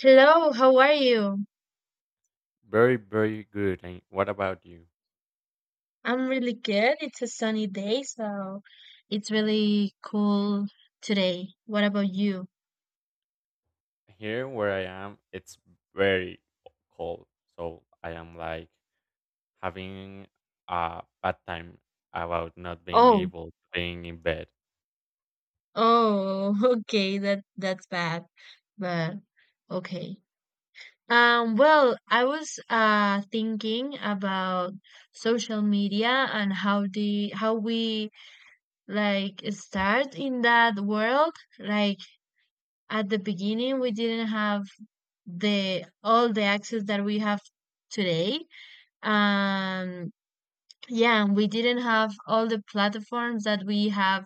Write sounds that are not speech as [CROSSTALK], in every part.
Hello, how are you? Very, very good. And what about you? I'm really good. It's a sunny day, so it's really cool today. What about you? Here where I am, it's very cold. So I am like having a bad time about not being Oh, able to being in bed. oh, [LAUGHS] okay, that's bad, but okay. Well, I was thinking about social media and how we like start in that world. Like at the beginning, we didn't have the all the access that we have today. Um, yeah, and we didn't have all the platforms that we have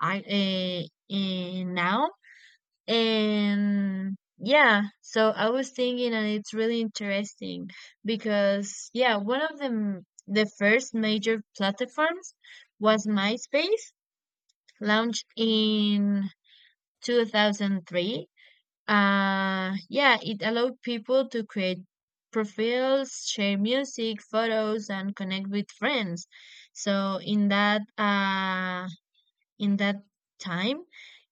I in now. And yeah, so I was thinking, and it's really interesting because yeah, one of the m- the first major platforms was MySpace, launched in 2003. Yeah, it allowed people to create profiles, share music, photos, and connect with friends. So in that time,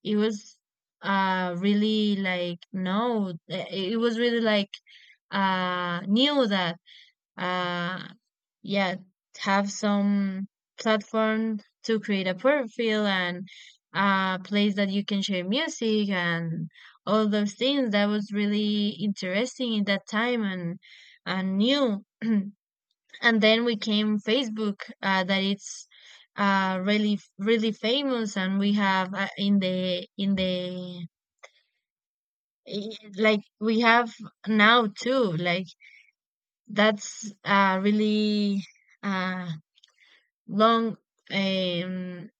it was really like no, it was really like new that uh, yeah, have some platform to create a profile and a place that you can share music and all those things. That was really interesting in that time and new. [CLEARS THROAT] And then we came Facebook, that it's really really famous and we have in the like we have now too, like that's really uh long. um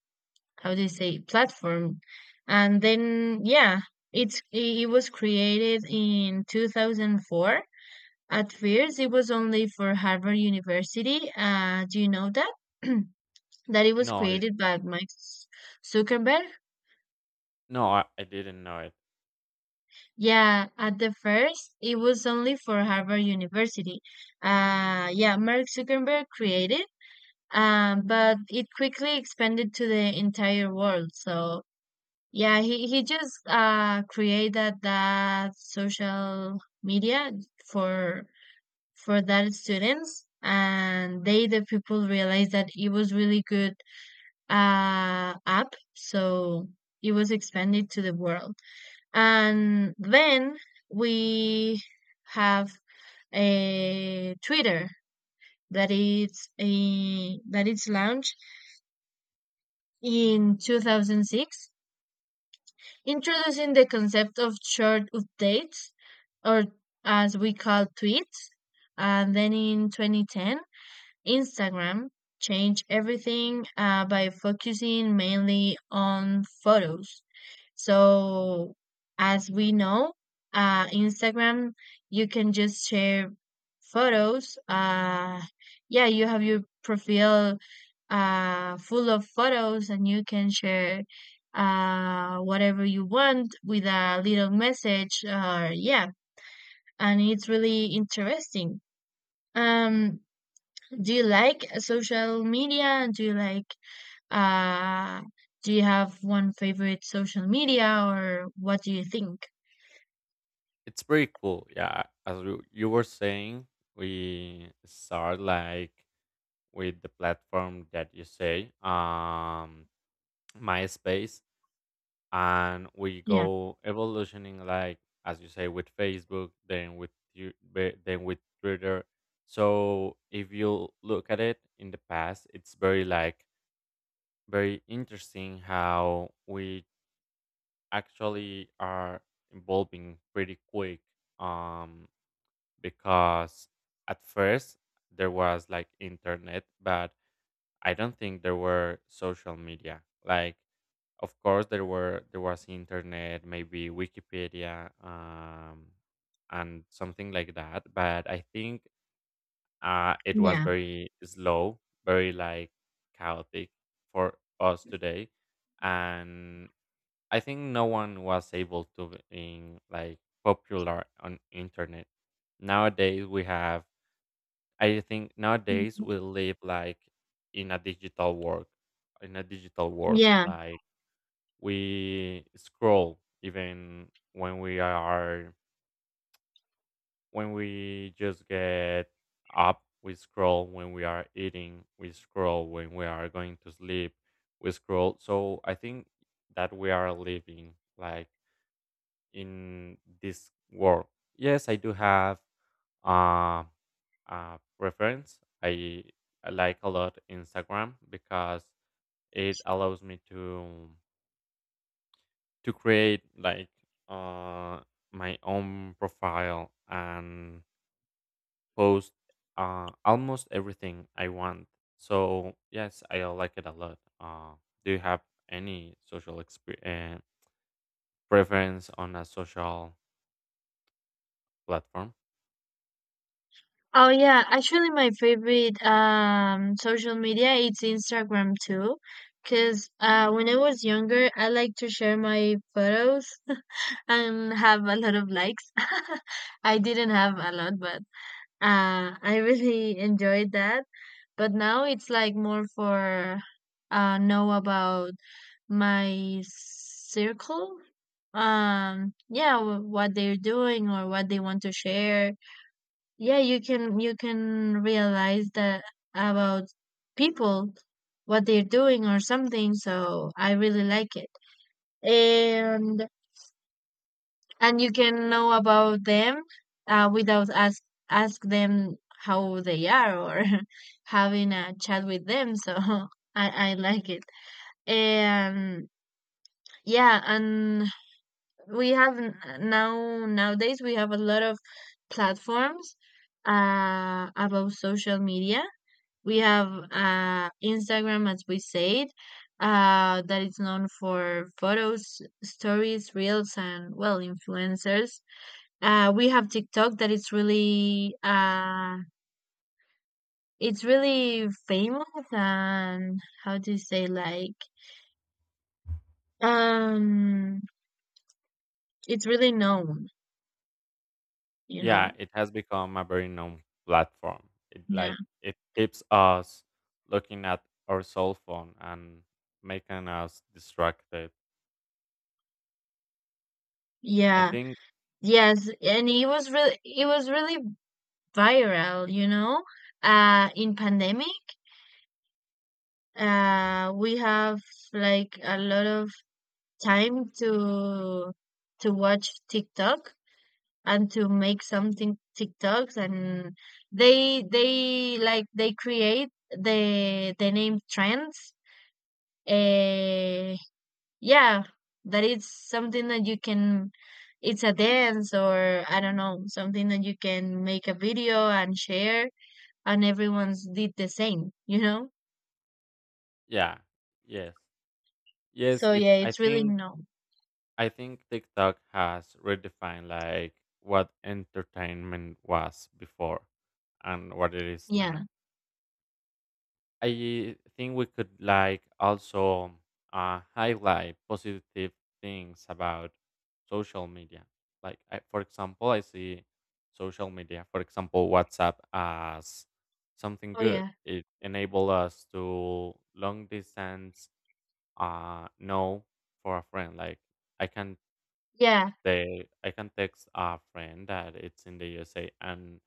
how do you say? Platform. And then yeah, it was created in 2004. At first it was only for Harvard University. Uh, do you know that [CLEARS THROAT] that it was No, I, created by Mike Zuckerberg? no, I didn't know it. Yeah, at the first it was only for Harvard University. Yeah, Mark Zuckerberg created, but it quickly expanded to the entire world. So yeah, he just created that social media for that students, and the people realized that it was really good app, so it was expanded to the world. And then we have a Twitter that it's launched in 2006, introducing the concept of short updates, or as we call tweets. And then in 2010, Instagram changed everything by focusing mainly on photos. So, as we know, Instagram, you can just share photos. Yeah, you have your profile full of photos, and you can share whatever you want with a little message. Or yeah, and it's really interesting. Um, do you like social media? Do you like uh, do you have one favorite social media, or what do you think? It's pretty cool. Yeah, as you were saying, we start like with the platform that you say, MySpace. And we Yeah, go evolutioning like as you say, with Facebook, then with you, then with Twitter. So if you look at it in the past, it's very like very interesting how we actually are evolving pretty quick, um because at first there was like internet, but I don't think there were social media. Like, of course there were, there was internet, maybe Wikipedia, and something like that. But I think it was yeah, very slow, very like chaotic for us today. And I think no one was able to like popular on internet. Nowadays we have, I think nowadays mhm, we live like in a digital world. in a digital world yeah. like we scroll even when we are, when we just get up, we scroll, when we are eating we scroll, when we are going to sleep we scroll. So I think that we are living like in this world. Yes, I do have uh, a preference. I like a lot Instagram because it allows me to create like uh my own profile and post almost everything I want. So yes, I like it a lot. Do you have any social experience preference on a social platform? Oh, yeah. Actually, my favorite social media it's Instagram too, because when I was younger, I like to share my photos [LAUGHS] and have a lot of likes. [LAUGHS] I didn't have a lot, but I really [LAUGHS] enjoyed that. But now it's like more for know about my circle. Yeah, what they're doing or what they want to share. Yeah, you can realize that about people, what they're doing or something, so I really like it. And you can know about them without ask them how they are or [LAUGHS] having a chat with them, so [LAUGHS] I like it. And yeah, and we have now nowadays we have a lot of platforms about social media. We have Instagram, as we said, that is known for photos, stories, reels, and well, influencers. We have TikTok that is really it's really famous and how do you say, like, um, it's really known, you Yeah, know. it has become a very known platform. It Yeah. like it keeps us looking at our cell phone and making us distracted. I Yeah. think, Yes, and it was really viral, you know, in pandemic. We have like a lot of time to watch TikTok and to make something TikToks, and they like they create the name trends. uh yeah, that is something that you can, it's a dance or I don't know, something that you can make a video and share, and everyone's did the same, you know. yeah, yes. Yes, So it yeah, it's really no, I think TikTok has redefined like what entertainment was before and what it is yeah, now. I think we could like also highlight positive things about social media. Like I, for example, I see social media, for example, WhatsApp as something oh good. yeah, It enabled us to long distance know for a friend. Like I can, yeah, they I can text a friend that it's in the USA and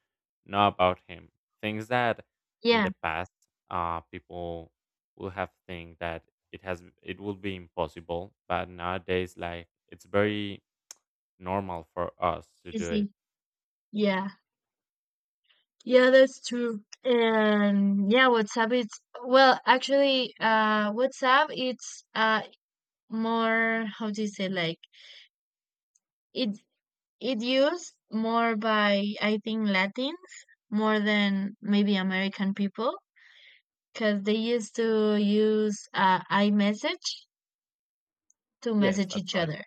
know about him. Things that in yeah, the past, people will have think that it has, it will be impossible, but nowadays, like, it's very normal for us to do it. easy. Yeah, yeah, that's true. And yeah, WhatsApp it's well, actually, WhatsApp it's more how do you say, like, it it used more by I think Latins more than maybe American people, because they used to use iMessage to Yes, message that's each right. other.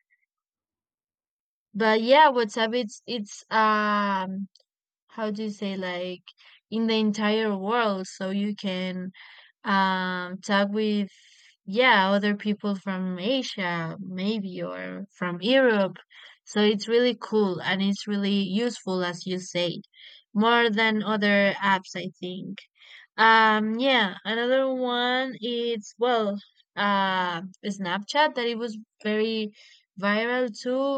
But yeah, WhatsApp it's how do you say, like, in the entire world, so you can talk with yeah other people from Asia maybe or from Europe. So it's really cool and it's really useful as you say, more than other apps I think. Yeah, another one is, well, Snapchat, that it was very viral too.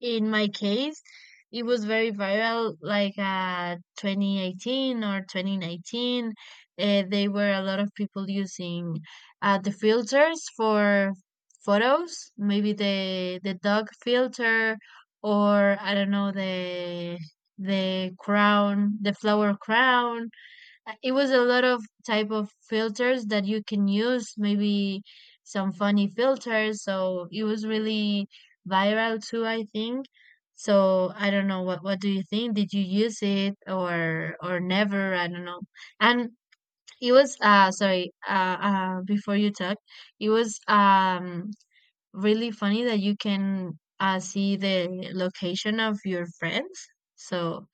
In my case, it was very viral, like 2018 or 2019. They were a lot of people using the filters for photos, maybe the dog filter, or I don't know, the crown, the flower crown. It was a lot of type of filters that you can use, maybe some funny filters, so it was really viral too I think. So I don't know what do you think, did you use it or never, I don't know. And it was sorry, uh, before you talk, it was really funny that you can see the location of your friends, so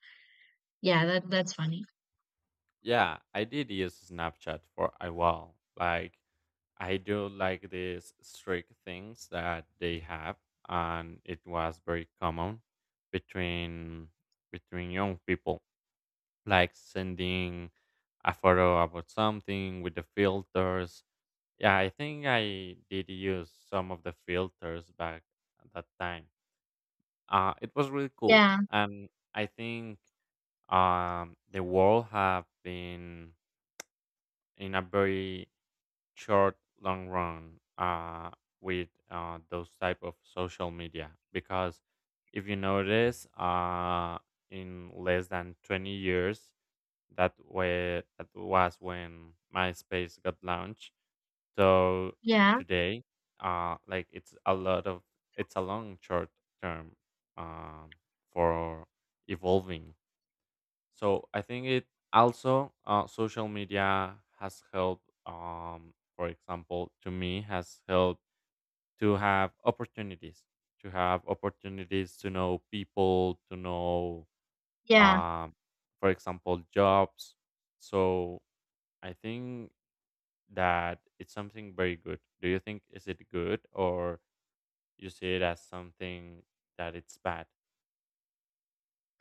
yeah, that's funny. Yeah, I did use Snapchat for a while. Like, I do like these strict things that they have, and it was very common between, between young people, like sending a photo about something with the filters. Yeah, I think I did use some of the filters back at that time. It was really cool, Yeah, and I think the world have been in a very short long run with those type of social media. Because if you notice in less than 20 years, that way that was when MySpace got launched, so yeah, today like it's a lot of, it's a long short term um, for evolving. So I think it, also social media has helped. For example, to me has helped to have opportunities, to have opportunities to know people, to know, yeah. um, for example, jobs. So I think that it's something very good. Do you think is it good, or you see it as something that it's bad?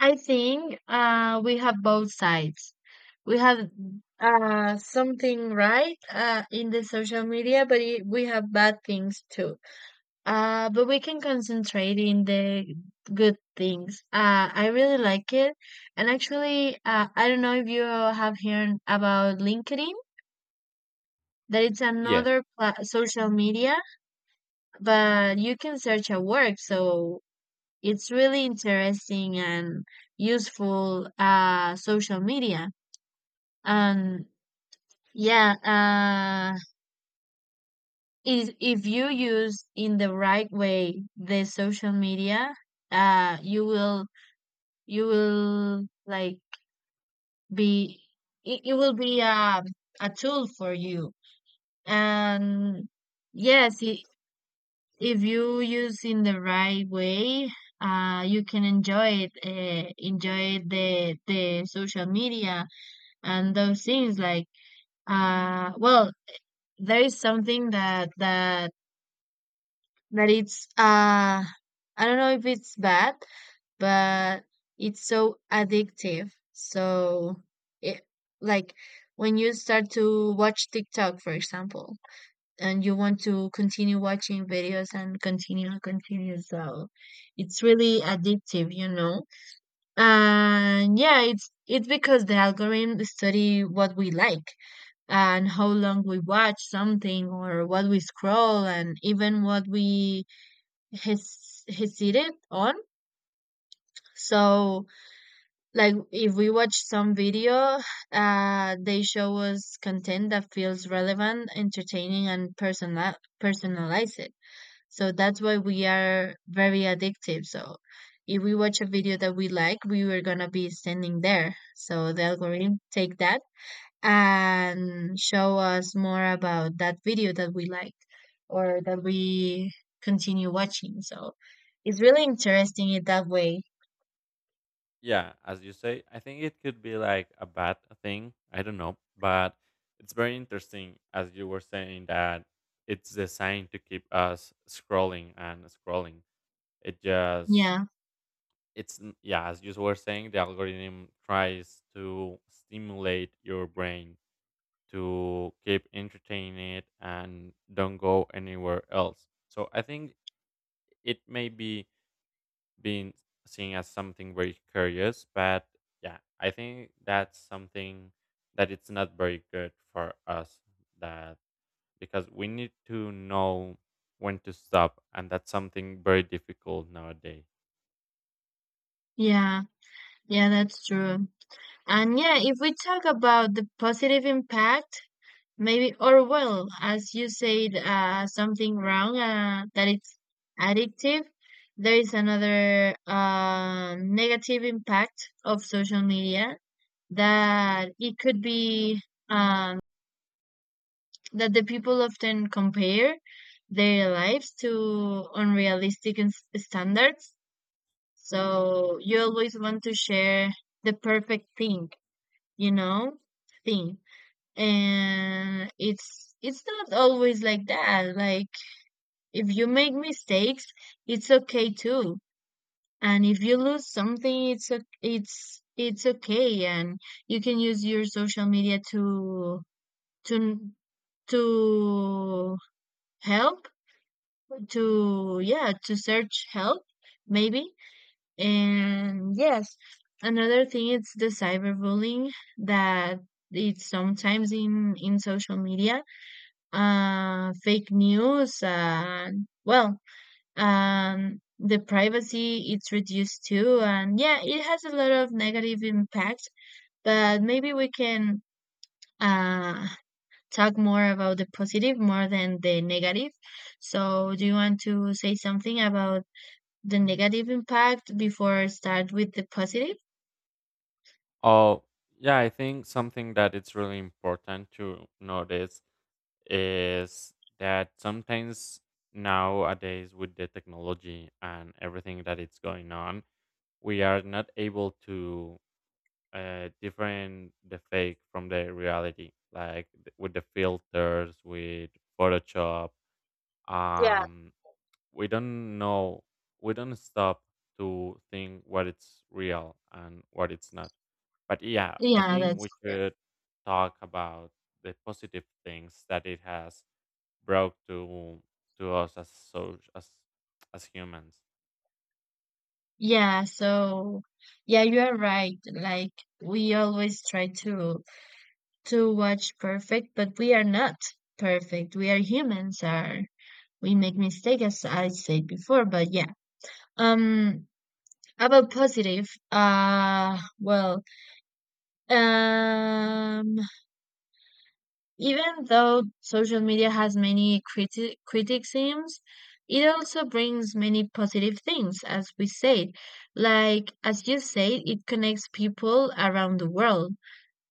I think we have both sides. We have something right in the social media, but we have bad things too. But we can concentrate in the good things. I really like it. And actually, I don't know if you have heard about LinkedIn, that it's Yes. another social media, but you can search a work. So it's really interesting and useful social media. And yeah, if you use in the right way the social media, you will like be, it will be a tool for you. And yes, I if you use in the right way, you can enjoy it, enjoy the social media and those things like. Well, there is something that it's I don't know if it's bad, but it's so addictive. So it, like, when you start to watch TikTok for example, and you want to continue watching videos and continue and continue, so it's really addictive, you know. And yeah, it's because the algorithm study what we like, and how long we watch something or what we scroll, and even what we has hesitate on. So, like, if we watch some video, they show us content that feels relevant, entertaining, and personalize it. So that's why we are very addictive. So if we watch a video that we like, we were gonna be standing there. So the algorithm take that and show us more about that video that we like, or that we continue watching. So it's really interesting it that way. Yeah, as you say, I think it could be like a bad thing. I don't know, but it's very interesting as you were saying that it's designed to keep us scrolling and scrolling. It just Yeah, yeah, as you were saying, the algorithm tries to stimulate your brain to keep entertaining it and don't go anywhere else. So I think it may be being seen as something very curious, but yeah, I think that's something that it's not very good for us, that, because we need to know when to stop, and that's something very difficult nowadays. yeah, yeah, that's true. And yeah, if we talk about the positive impact, maybe, or well, as you said, something wrong, that it's addictive. There is another negative impact of social media that it could be um, that the people often compare their lives to unrealistic standards. So you always want to share the perfect thing, you know, thing. And it's not always like that. Like if you make mistakes, it's okay too. And if you lose something, it's okay. And you can use your social media to to to help, to yeah, to search help maybe. And yes, another thing it's the cyberbullying, that it's sometimes in social media, fake news, and well, the privacy it's reduced too, and yeah, it has a lot of negative impact. But maybe we can uh talk more about the positive more than the negative. So do you want to say something about the negative impact before I start with the positive? Oh yeah, I think something that it's really important to notice is that sometimes nowadays, with the technology and everything that it's going on, we are not able to different the fake from the reality, like with the filters, with Photoshop. Yeah. um we don't know, we don't stop to think what it's real and what it's not. But yeah, I Yeah, think that's we should talk about the positive things that it has brought to us as so as humans. yeah, so yeah, you are right. Like we always try to watch perfect, but we are not perfect. We are humans, are we make mistakes as I said before, but yeah. Um about positive, well, um even though social media has many criticisms, it also brings many positive things, as we said. Like, as you said, it connects people around the world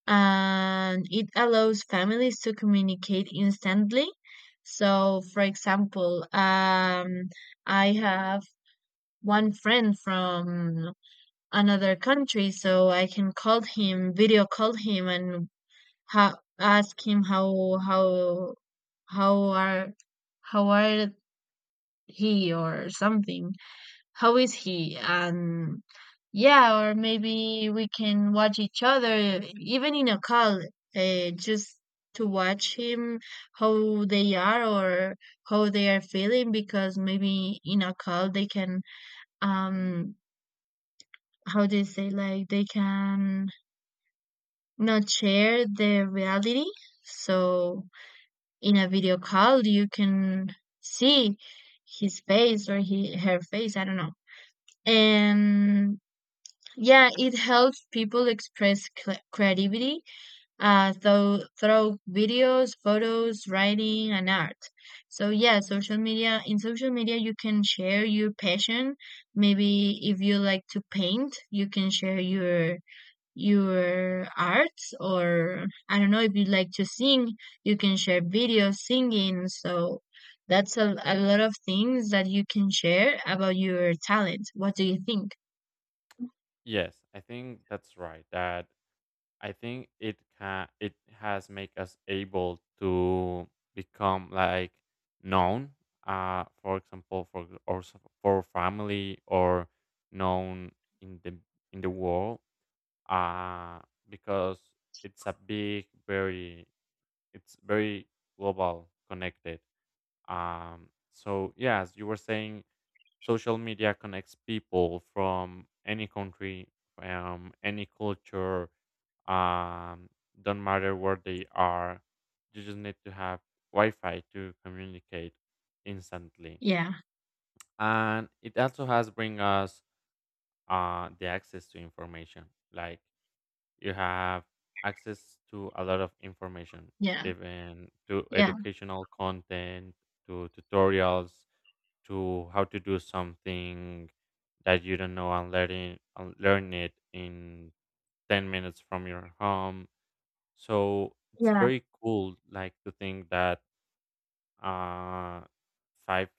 and it allows families to communicate instantly. So, for example, I have one friend from another country, so I can call him, video call him, and how ask him how are how are he or something how is he and yeah, or maybe we can watch each other even in a call, just to watch him how they are, or how they are feeling, because maybe in a call they can, um how do you say, like they can not share the reality. So in a video call you can see his face, or he, her face, I don't know. And yeah, it helps people express creativity through videos, photos, writing, and art. So yeah, social media you can share your passion. Maybe if you like to paint you can share your arts, or I don't know, if you like to sing, you can share videos singing. So that's a lot of things that you can share about your talent. What do you think? Yes, I think that's right, that I think it can, it has make us able to become like known, for example, for for family, or known in the, in the world, uh because it's a big, very, it's very global connected. So yeah, as you were saying, social media connects people from any country, from any culture. Um, don't matter where they are. You just need to have Wi-Fi to communicate instantly, Yeah, and it also has bring us the access to information. Like, you have access to a lot of information, yeah, even to yeah, educational content, to tutorials, to how to do something that you don't know, and learning and learn it in 10 minutes from your home. So it's yeah, very cool like to think that uh five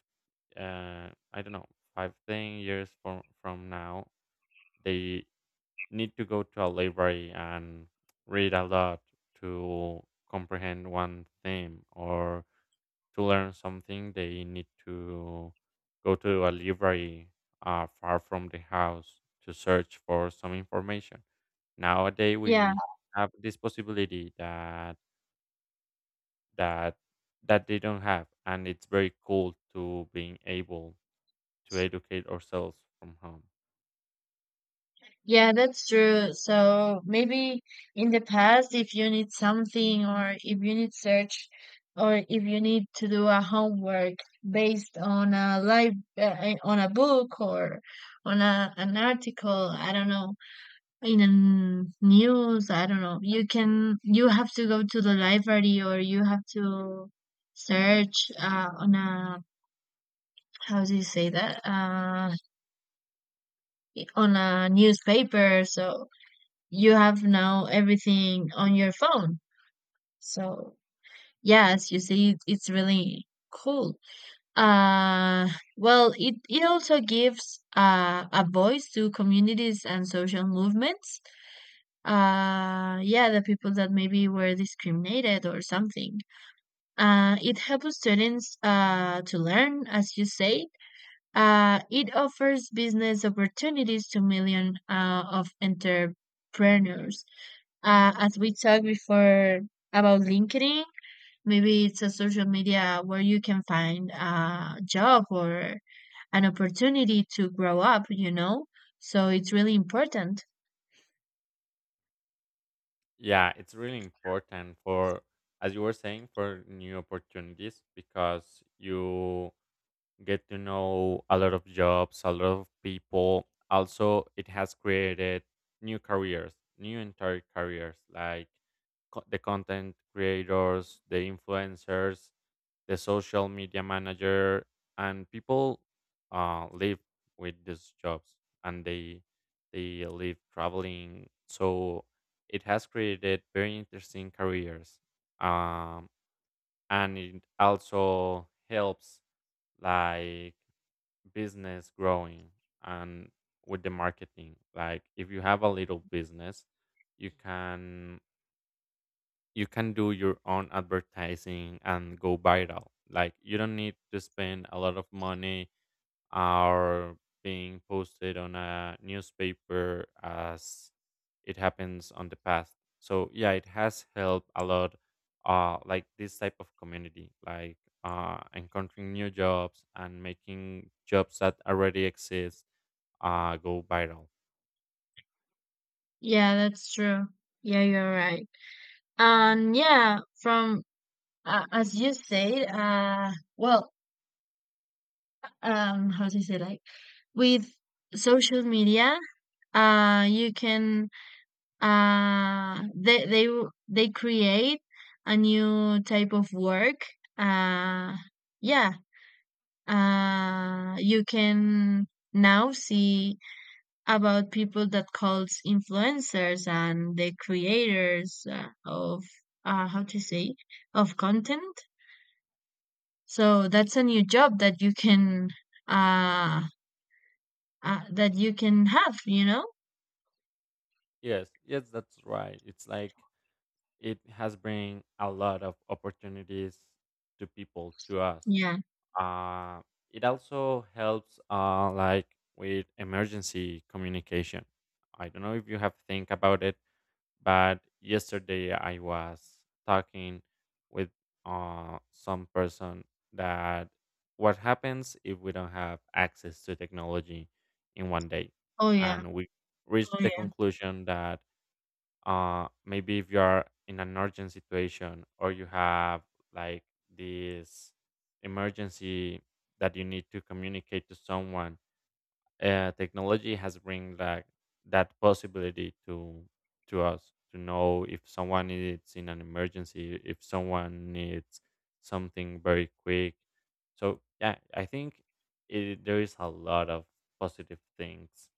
I don't know, 5, 10 years from now they need to go to a library and read a lot to comprehend one theme, or to learn something they need to go to a library far from the house to search for some information. Nowadays yeah. we have this possibility that, that that they don't have, and it's very cool to being able to educate ourselves from home. Yeah, that's true. So maybe in the past, if you need something, or if you need search, or if you need to do a homework based on a live on a book, or on an article, I don't know, in a news, I don't know, you have to go to the library, or you have to search on a, how do you say that, on a newspaper. So you have now everything on your phone. So yes, you see, it's really cool. Uh, well, it also gives a voice to communities and social movements. Yeah, the people that maybe were discriminated or something. It helps students to learn, as you say. It offers business opportunities to millions of entrepreneurs. As we talked before about LinkedIn, maybe it's a social media where you can find a job or an opportunity to grow up, you know? So it's really important. Yeah, it's really important for, as you were saying, for new opportunities, because you get to know a lot of jobs, a lot of people. Also, it has created new careers, new entire careers, like the content creators, the influencers, the social media manager, and people live with these jobs, and they live traveling. So it has created very interesting careers, um, and it also helps like business growing and with the marketing. Like if you have a little business, you can, you can do your own advertising and go viral. Like you don't need to spend a lot of money or being posted on a newspaper as it happens on the past. So yeah, it has helped a lot. Like this type of community, like encountering new jobs and making jobs that already exist go viral. Yeah, that's true. Yeah, you're right. And yeah, from as you said, well, how to say, like, with social media, you can, uh they they they create a new type of work. uh yeah you can now see about people that calls influencers and the creators of, how to say, of content. So that's a new job that you can, uh, that you can have, you know. Yes, yes, that's right. It's like it has bring a lot of opportunities to people, to us. Yeah. uh, it also helps like with emergency communication. I don't know if you have think about it, but yesterday I was talking with some person that what happens if we don't have access to technology in 1 day. Oh yeah. And we Oh reached the yeah. conclusion that maybe if you are in an urgent situation or you have like this emergency that you need to communicate to someone, technology has bring like that possibility to us to know if someone is in an emergency, if someone needs something very quick. So yeah, I think it, there is a lot of positive things.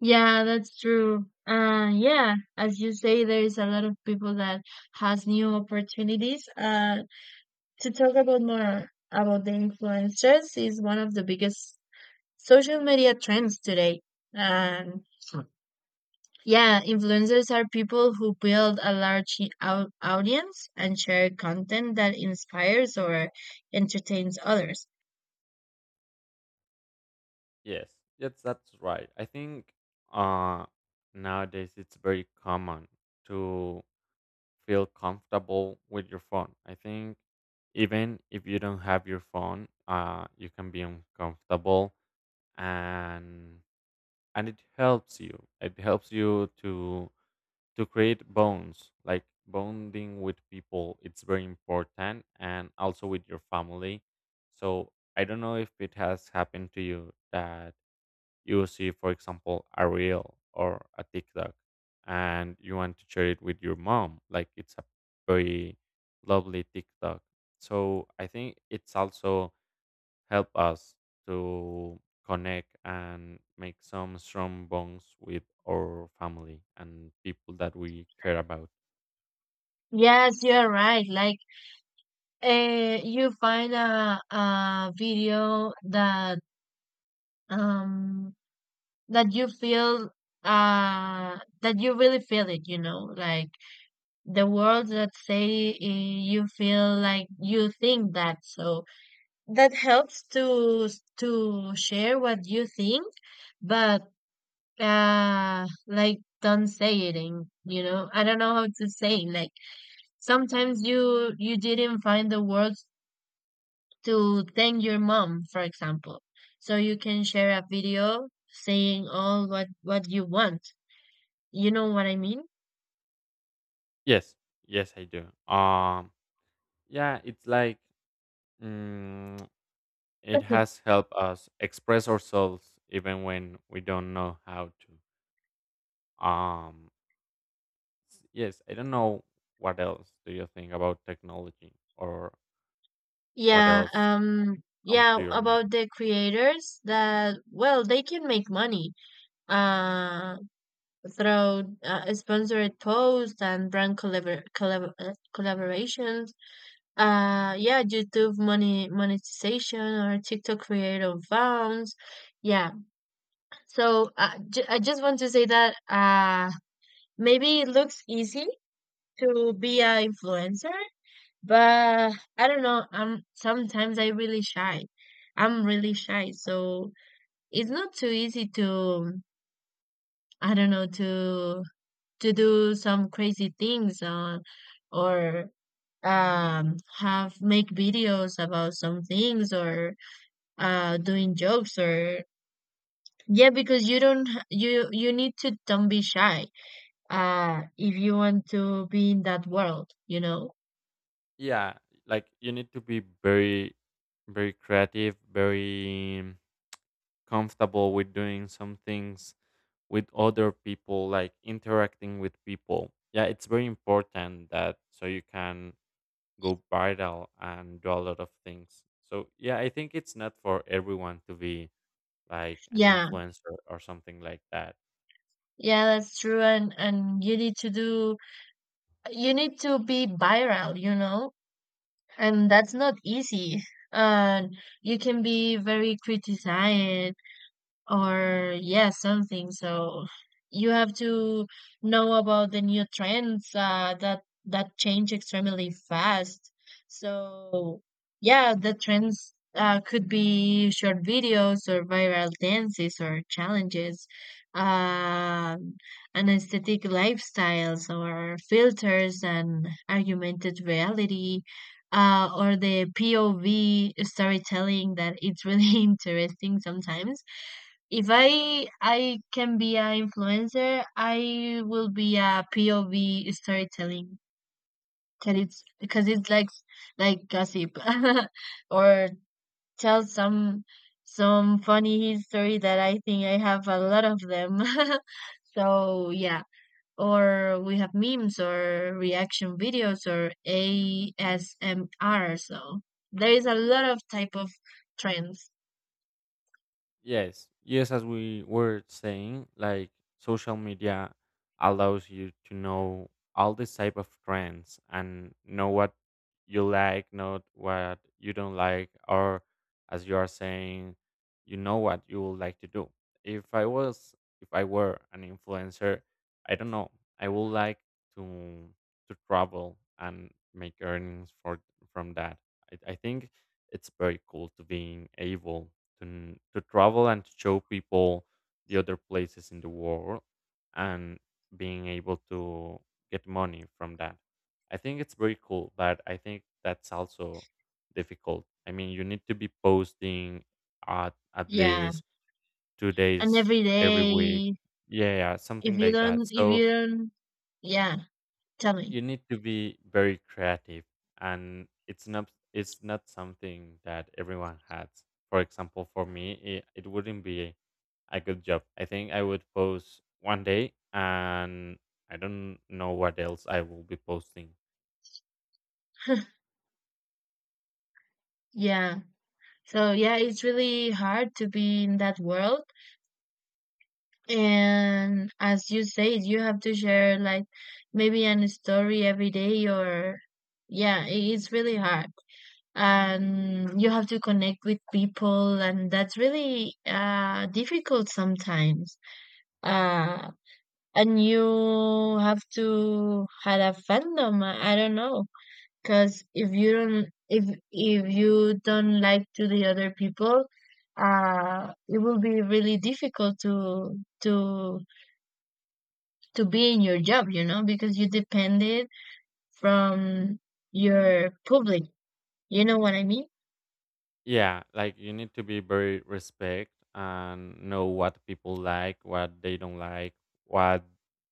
Yeah, that's true. Yeah, as you say, there is a lot of people that has new opportunities. To talk about more about the influencers is one of the biggest social media trends today. And yeah, influencers are people who build a large audience and share content that inspires or entertains others. Yes, yes, that's right. I think uh, nowadays it's very common to feel comfortable with your phone. I think even if you don't have your phone, you can be uncomfortable, and and it helps you. It helps you to create bonds, like bonding with people. It's very important, and also with your family. So I don't know if it has happened to you that you will see, for example, a reel or a TikTok, and you want to share it with your mom. Like it's a very lovely TikTok. So I think it's also help us to connect and make some strong bonds with our family and people that we care about. Yes, you're right. Like, you find a video that, um that you feel, that you really feel it, you know, like the words that say, eh, you feel like you think that. So that helps to share what you think. But like, don't say it in, you know, I don't know how to say, like sometimes you didn't find the words to thank your mom, for example. So you can share a video saying all what you want. You know what I mean? Yes, yes, I do. Um, yeah, it's like mm, it [LAUGHS] has helped us express ourselves even when we don't know how to. Um, yes, I don't know what else do you think about technology, or what Yeah, else comes yeah, to your about mind. the creators that, well, they can make money uh through sponsored posts and brand collaborations. Yeah, YouTube money monetization or TikTok creator funds. Yeah. So I just want to say that, maybe it looks easy to be an influencer, but I don't know. I'm Sometimes I really shy. I'm really shy, so it's not too easy to, I don't know, to do some crazy things on, or, have make videos about some things, or doing jokes, or yeah, because you you need to don't be shy if you want to be in that world, you know. Yeah, like you need to be very, very creative, very comfortable with doing some things with other people, like interacting with people. Yeah, it's very important that so you can go viral and do a lot of things. So yeah, I think it's not for everyone to be like an Yeah, influencer or something like that. yeah, that's true. And you need to do, you need to be viral, you know, and that's not easy. And you can be very criticized, or yeah, something. So you have to know about the new trends that change extremely fast. So yeah, the trends could be short videos, or viral dances, or challenges, um and aesthetic lifestyles, or filters and augmented reality, or the POV storytelling that it's really [LAUGHS] interesting sometimes. If I can be an influencer, I will be a POV storytelling. Cause it's Because it's like gossip, [LAUGHS] or tell some funny history that I think I have a lot of them. [LAUGHS] So yeah, or we have memes, or reaction videos, or ASMR. So there is a lot of type of trends. Yes, yes, as we were saying, like social media allows you to know all these type of trends and know what you like, not what you don't like, or as you are saying, you know what you would like to do. If I was, if I were an influencer, I don't know, I would like to to travel and make earnings for, from that. I think it's very cool to being able to to travel and to show people the other places in the world and being able to get money from that. I think it's very cool, but I think that's also difficult. I mean, you need to be posting at Yeah, least two and days every every week. day. Yeah, yeah, something like that. If So you don't, yeah, tell me. you need to be very creative, and it's not, it's not something that everyone has. For example, for me, it wouldn't be a good job. I think I would post 1 day, and I don't know what else I will be posting. [LAUGHS] Yeah. So yeah, it's really hard to be in that world. And as you say, you have to share like maybe an story every day, or yeah, it's really hard. And you have to connect with people and that's really difficult sometimes. Uh and you have to have a fandom. I don't know. Because if you don't, if you don't like to the other people, it will be really difficult to be in your job, you know, because you depended from your public, you know what I mean. Yeah, like you need to be very respect and know what people like, what they don't like, what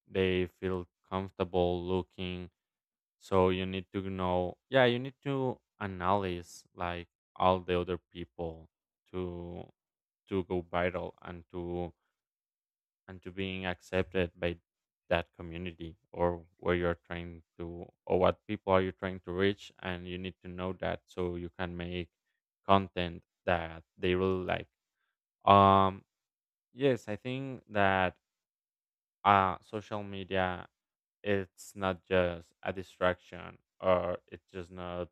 they feel comfortable looking. So you need to know, yeah, you need to analyze like all the other people to to go viral and to, and to being accepted by that community, or where you're trying to, or what people are you trying to reach, and you need to know that so you can make content that they really like. um yes, I think that social media, it's not just a distraction, or it's just not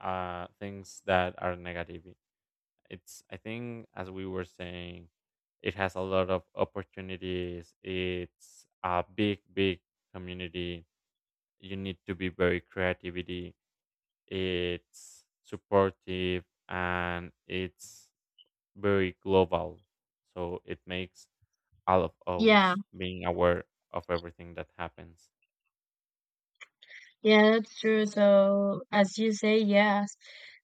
things that are negative. It's, I think as we were saying, it has a lot of opportunities. It's a big, big community. You need to be very creativity. It's supportive and it's very global. So it makes all of Yeah, us being aware of everything that happens. yeah, that's true. So as you say, yes,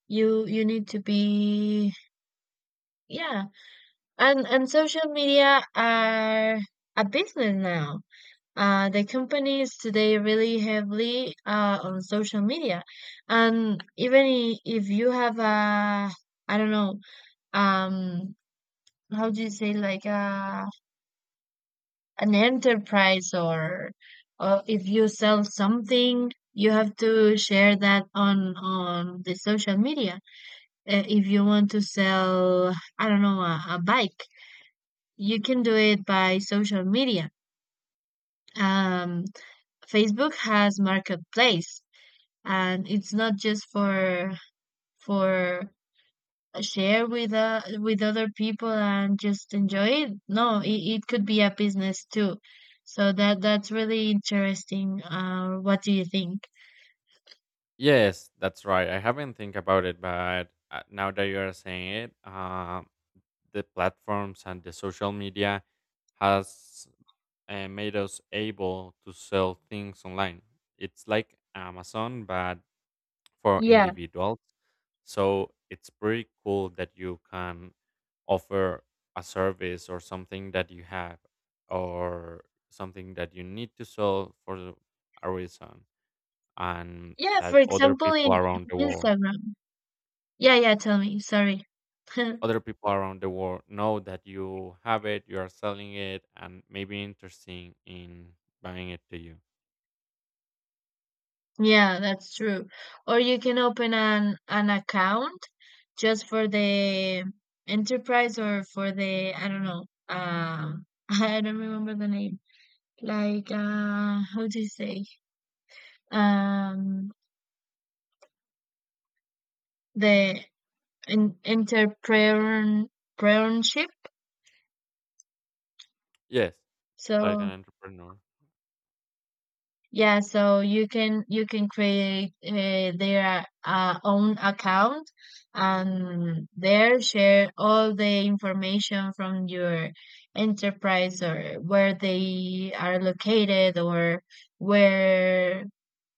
you need to be, yeah. And social media are a business now. The companies today really heavily on social media, and even if you have a, I don't know, um, how do you say, like a, an enterprise, or if you sell something, you have to share that on the social media. If you want to sell, I don't know, a bike, you can do it by social media. Um, Facebook has marketplace, and it's not just for for share with other people and just enjoy it. No, it, it could be a business too. So that that's really interesting. What do you think? Yes, that's right. I haven't think about it, but now that you are saying it, um, the platforms and the social media has made us able to sell things online. It's like Amazon, but for Yeah, individuals. So it's pretty cool that you can offer a service or something that you have, or something that you need to sell for a reason, and yeah, for that other example people around the in world, Instagram. Yeah, yeah, tell me, sorry. [LAUGHS] other people around the world know that you have it, you are selling it, and maybe interesting in buying it to you. Yeah, that's true. Or you can open an account just for the enterprise, or for the, I don't know, [LAUGHS] I don't remember the name, like, how do you say, um the entrepreneurship. Yes, like an So entrepreneur. yeah, so you can, you can create their own account, and there share all the information from your enterprise, or where they are located, or where,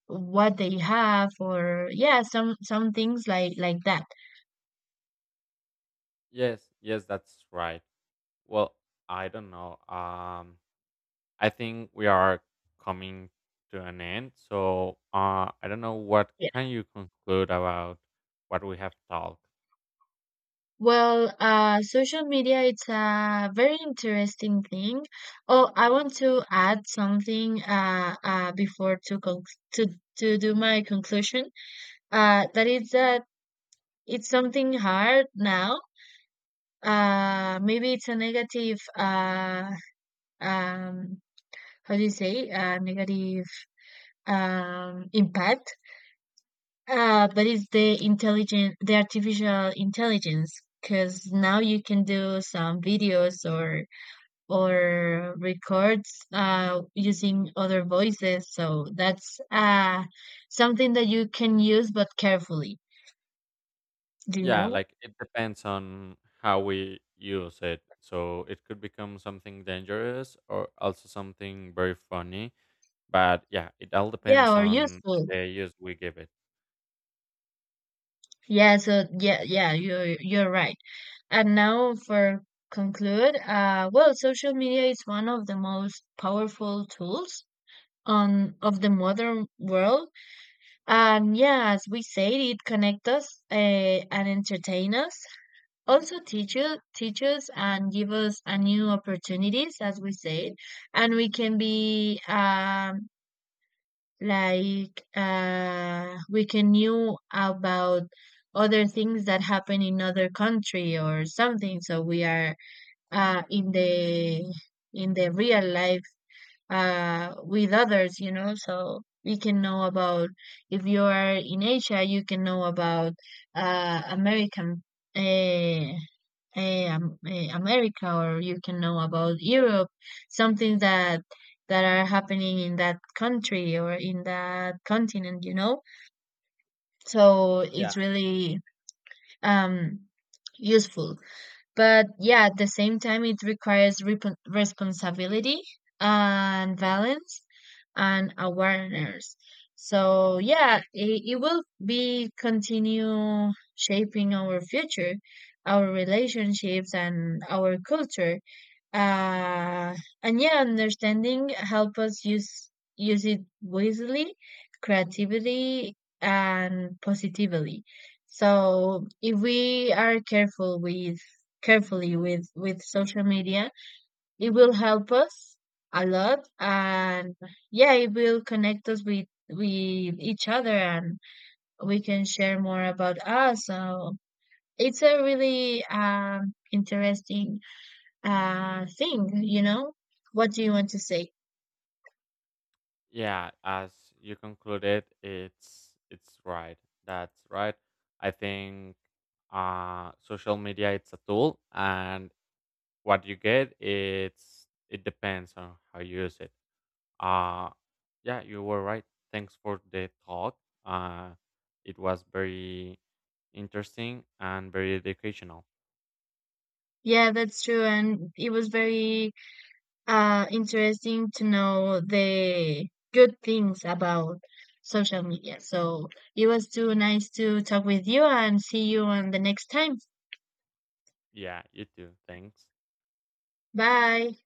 what they have, or yeah, some things like that. Yes, yes, that's right. Well, I don't know. I think we are coming to an end. So, I don't know what can you conclude about what we have talked. Well, social media, it's a very interesting thing. Oh, I want to add something, before to con to to do my conclusion. That is that it's something hard now. Maybe it's a negative. Um, how do you say? Negative, impact. But it's the intelligent, the artificial intelligence, because now you can do some videos or records, using other voices. So that's something that you can use, but carefully. Do you Yeah, know? like it depends on how we use it. So it could become something dangerous or also something very funny. But yeah, it all Yeah, depends or on useful. the use we give it. Yeah, so yeah, yeah, you're right. And now for conclude, well, social media is one of the most powerful tools on of the modern world. And yeah, as we said, it connects us and entertain us, also teachers, and give us a new opportunities, as we said. And we can be, like, we can knew about other things that happen in other country or something. So we are in the real life, with others, you know, so we can know about, if you are in Asia, you can know about, American, uh, America, or you can know about Europe, something that are happening in that country, or in that continent, you know. So Yeah. it's really, um, useful. But yeah, at the same time, it requires repon responsibility, and balance, and awareness. So yeah, it will be continue shaping our future, our relationships, and our culture, uh, and yeah, understanding help us use, use it wisely, creatively, and positively. So if we are careful with, carefully with social media, it will help us a lot, and yeah, it will connect us with each other, and we can share more about us. So it's a really, interesting thing, you know. What do you want to say? Yeah, as you concluded, it's right. That's right. I think social media, it's a tool, and what you get, it's, it depends on how you use it. Uh, yeah, you were right. Thanks for the talk. Uh, it was very interesting and very educational. Yeah, that's true, and it was very interesting to know the good things about social media. So it was too nice to talk with you, and see you on the next time. Yeah, you too. Thanks. Bye.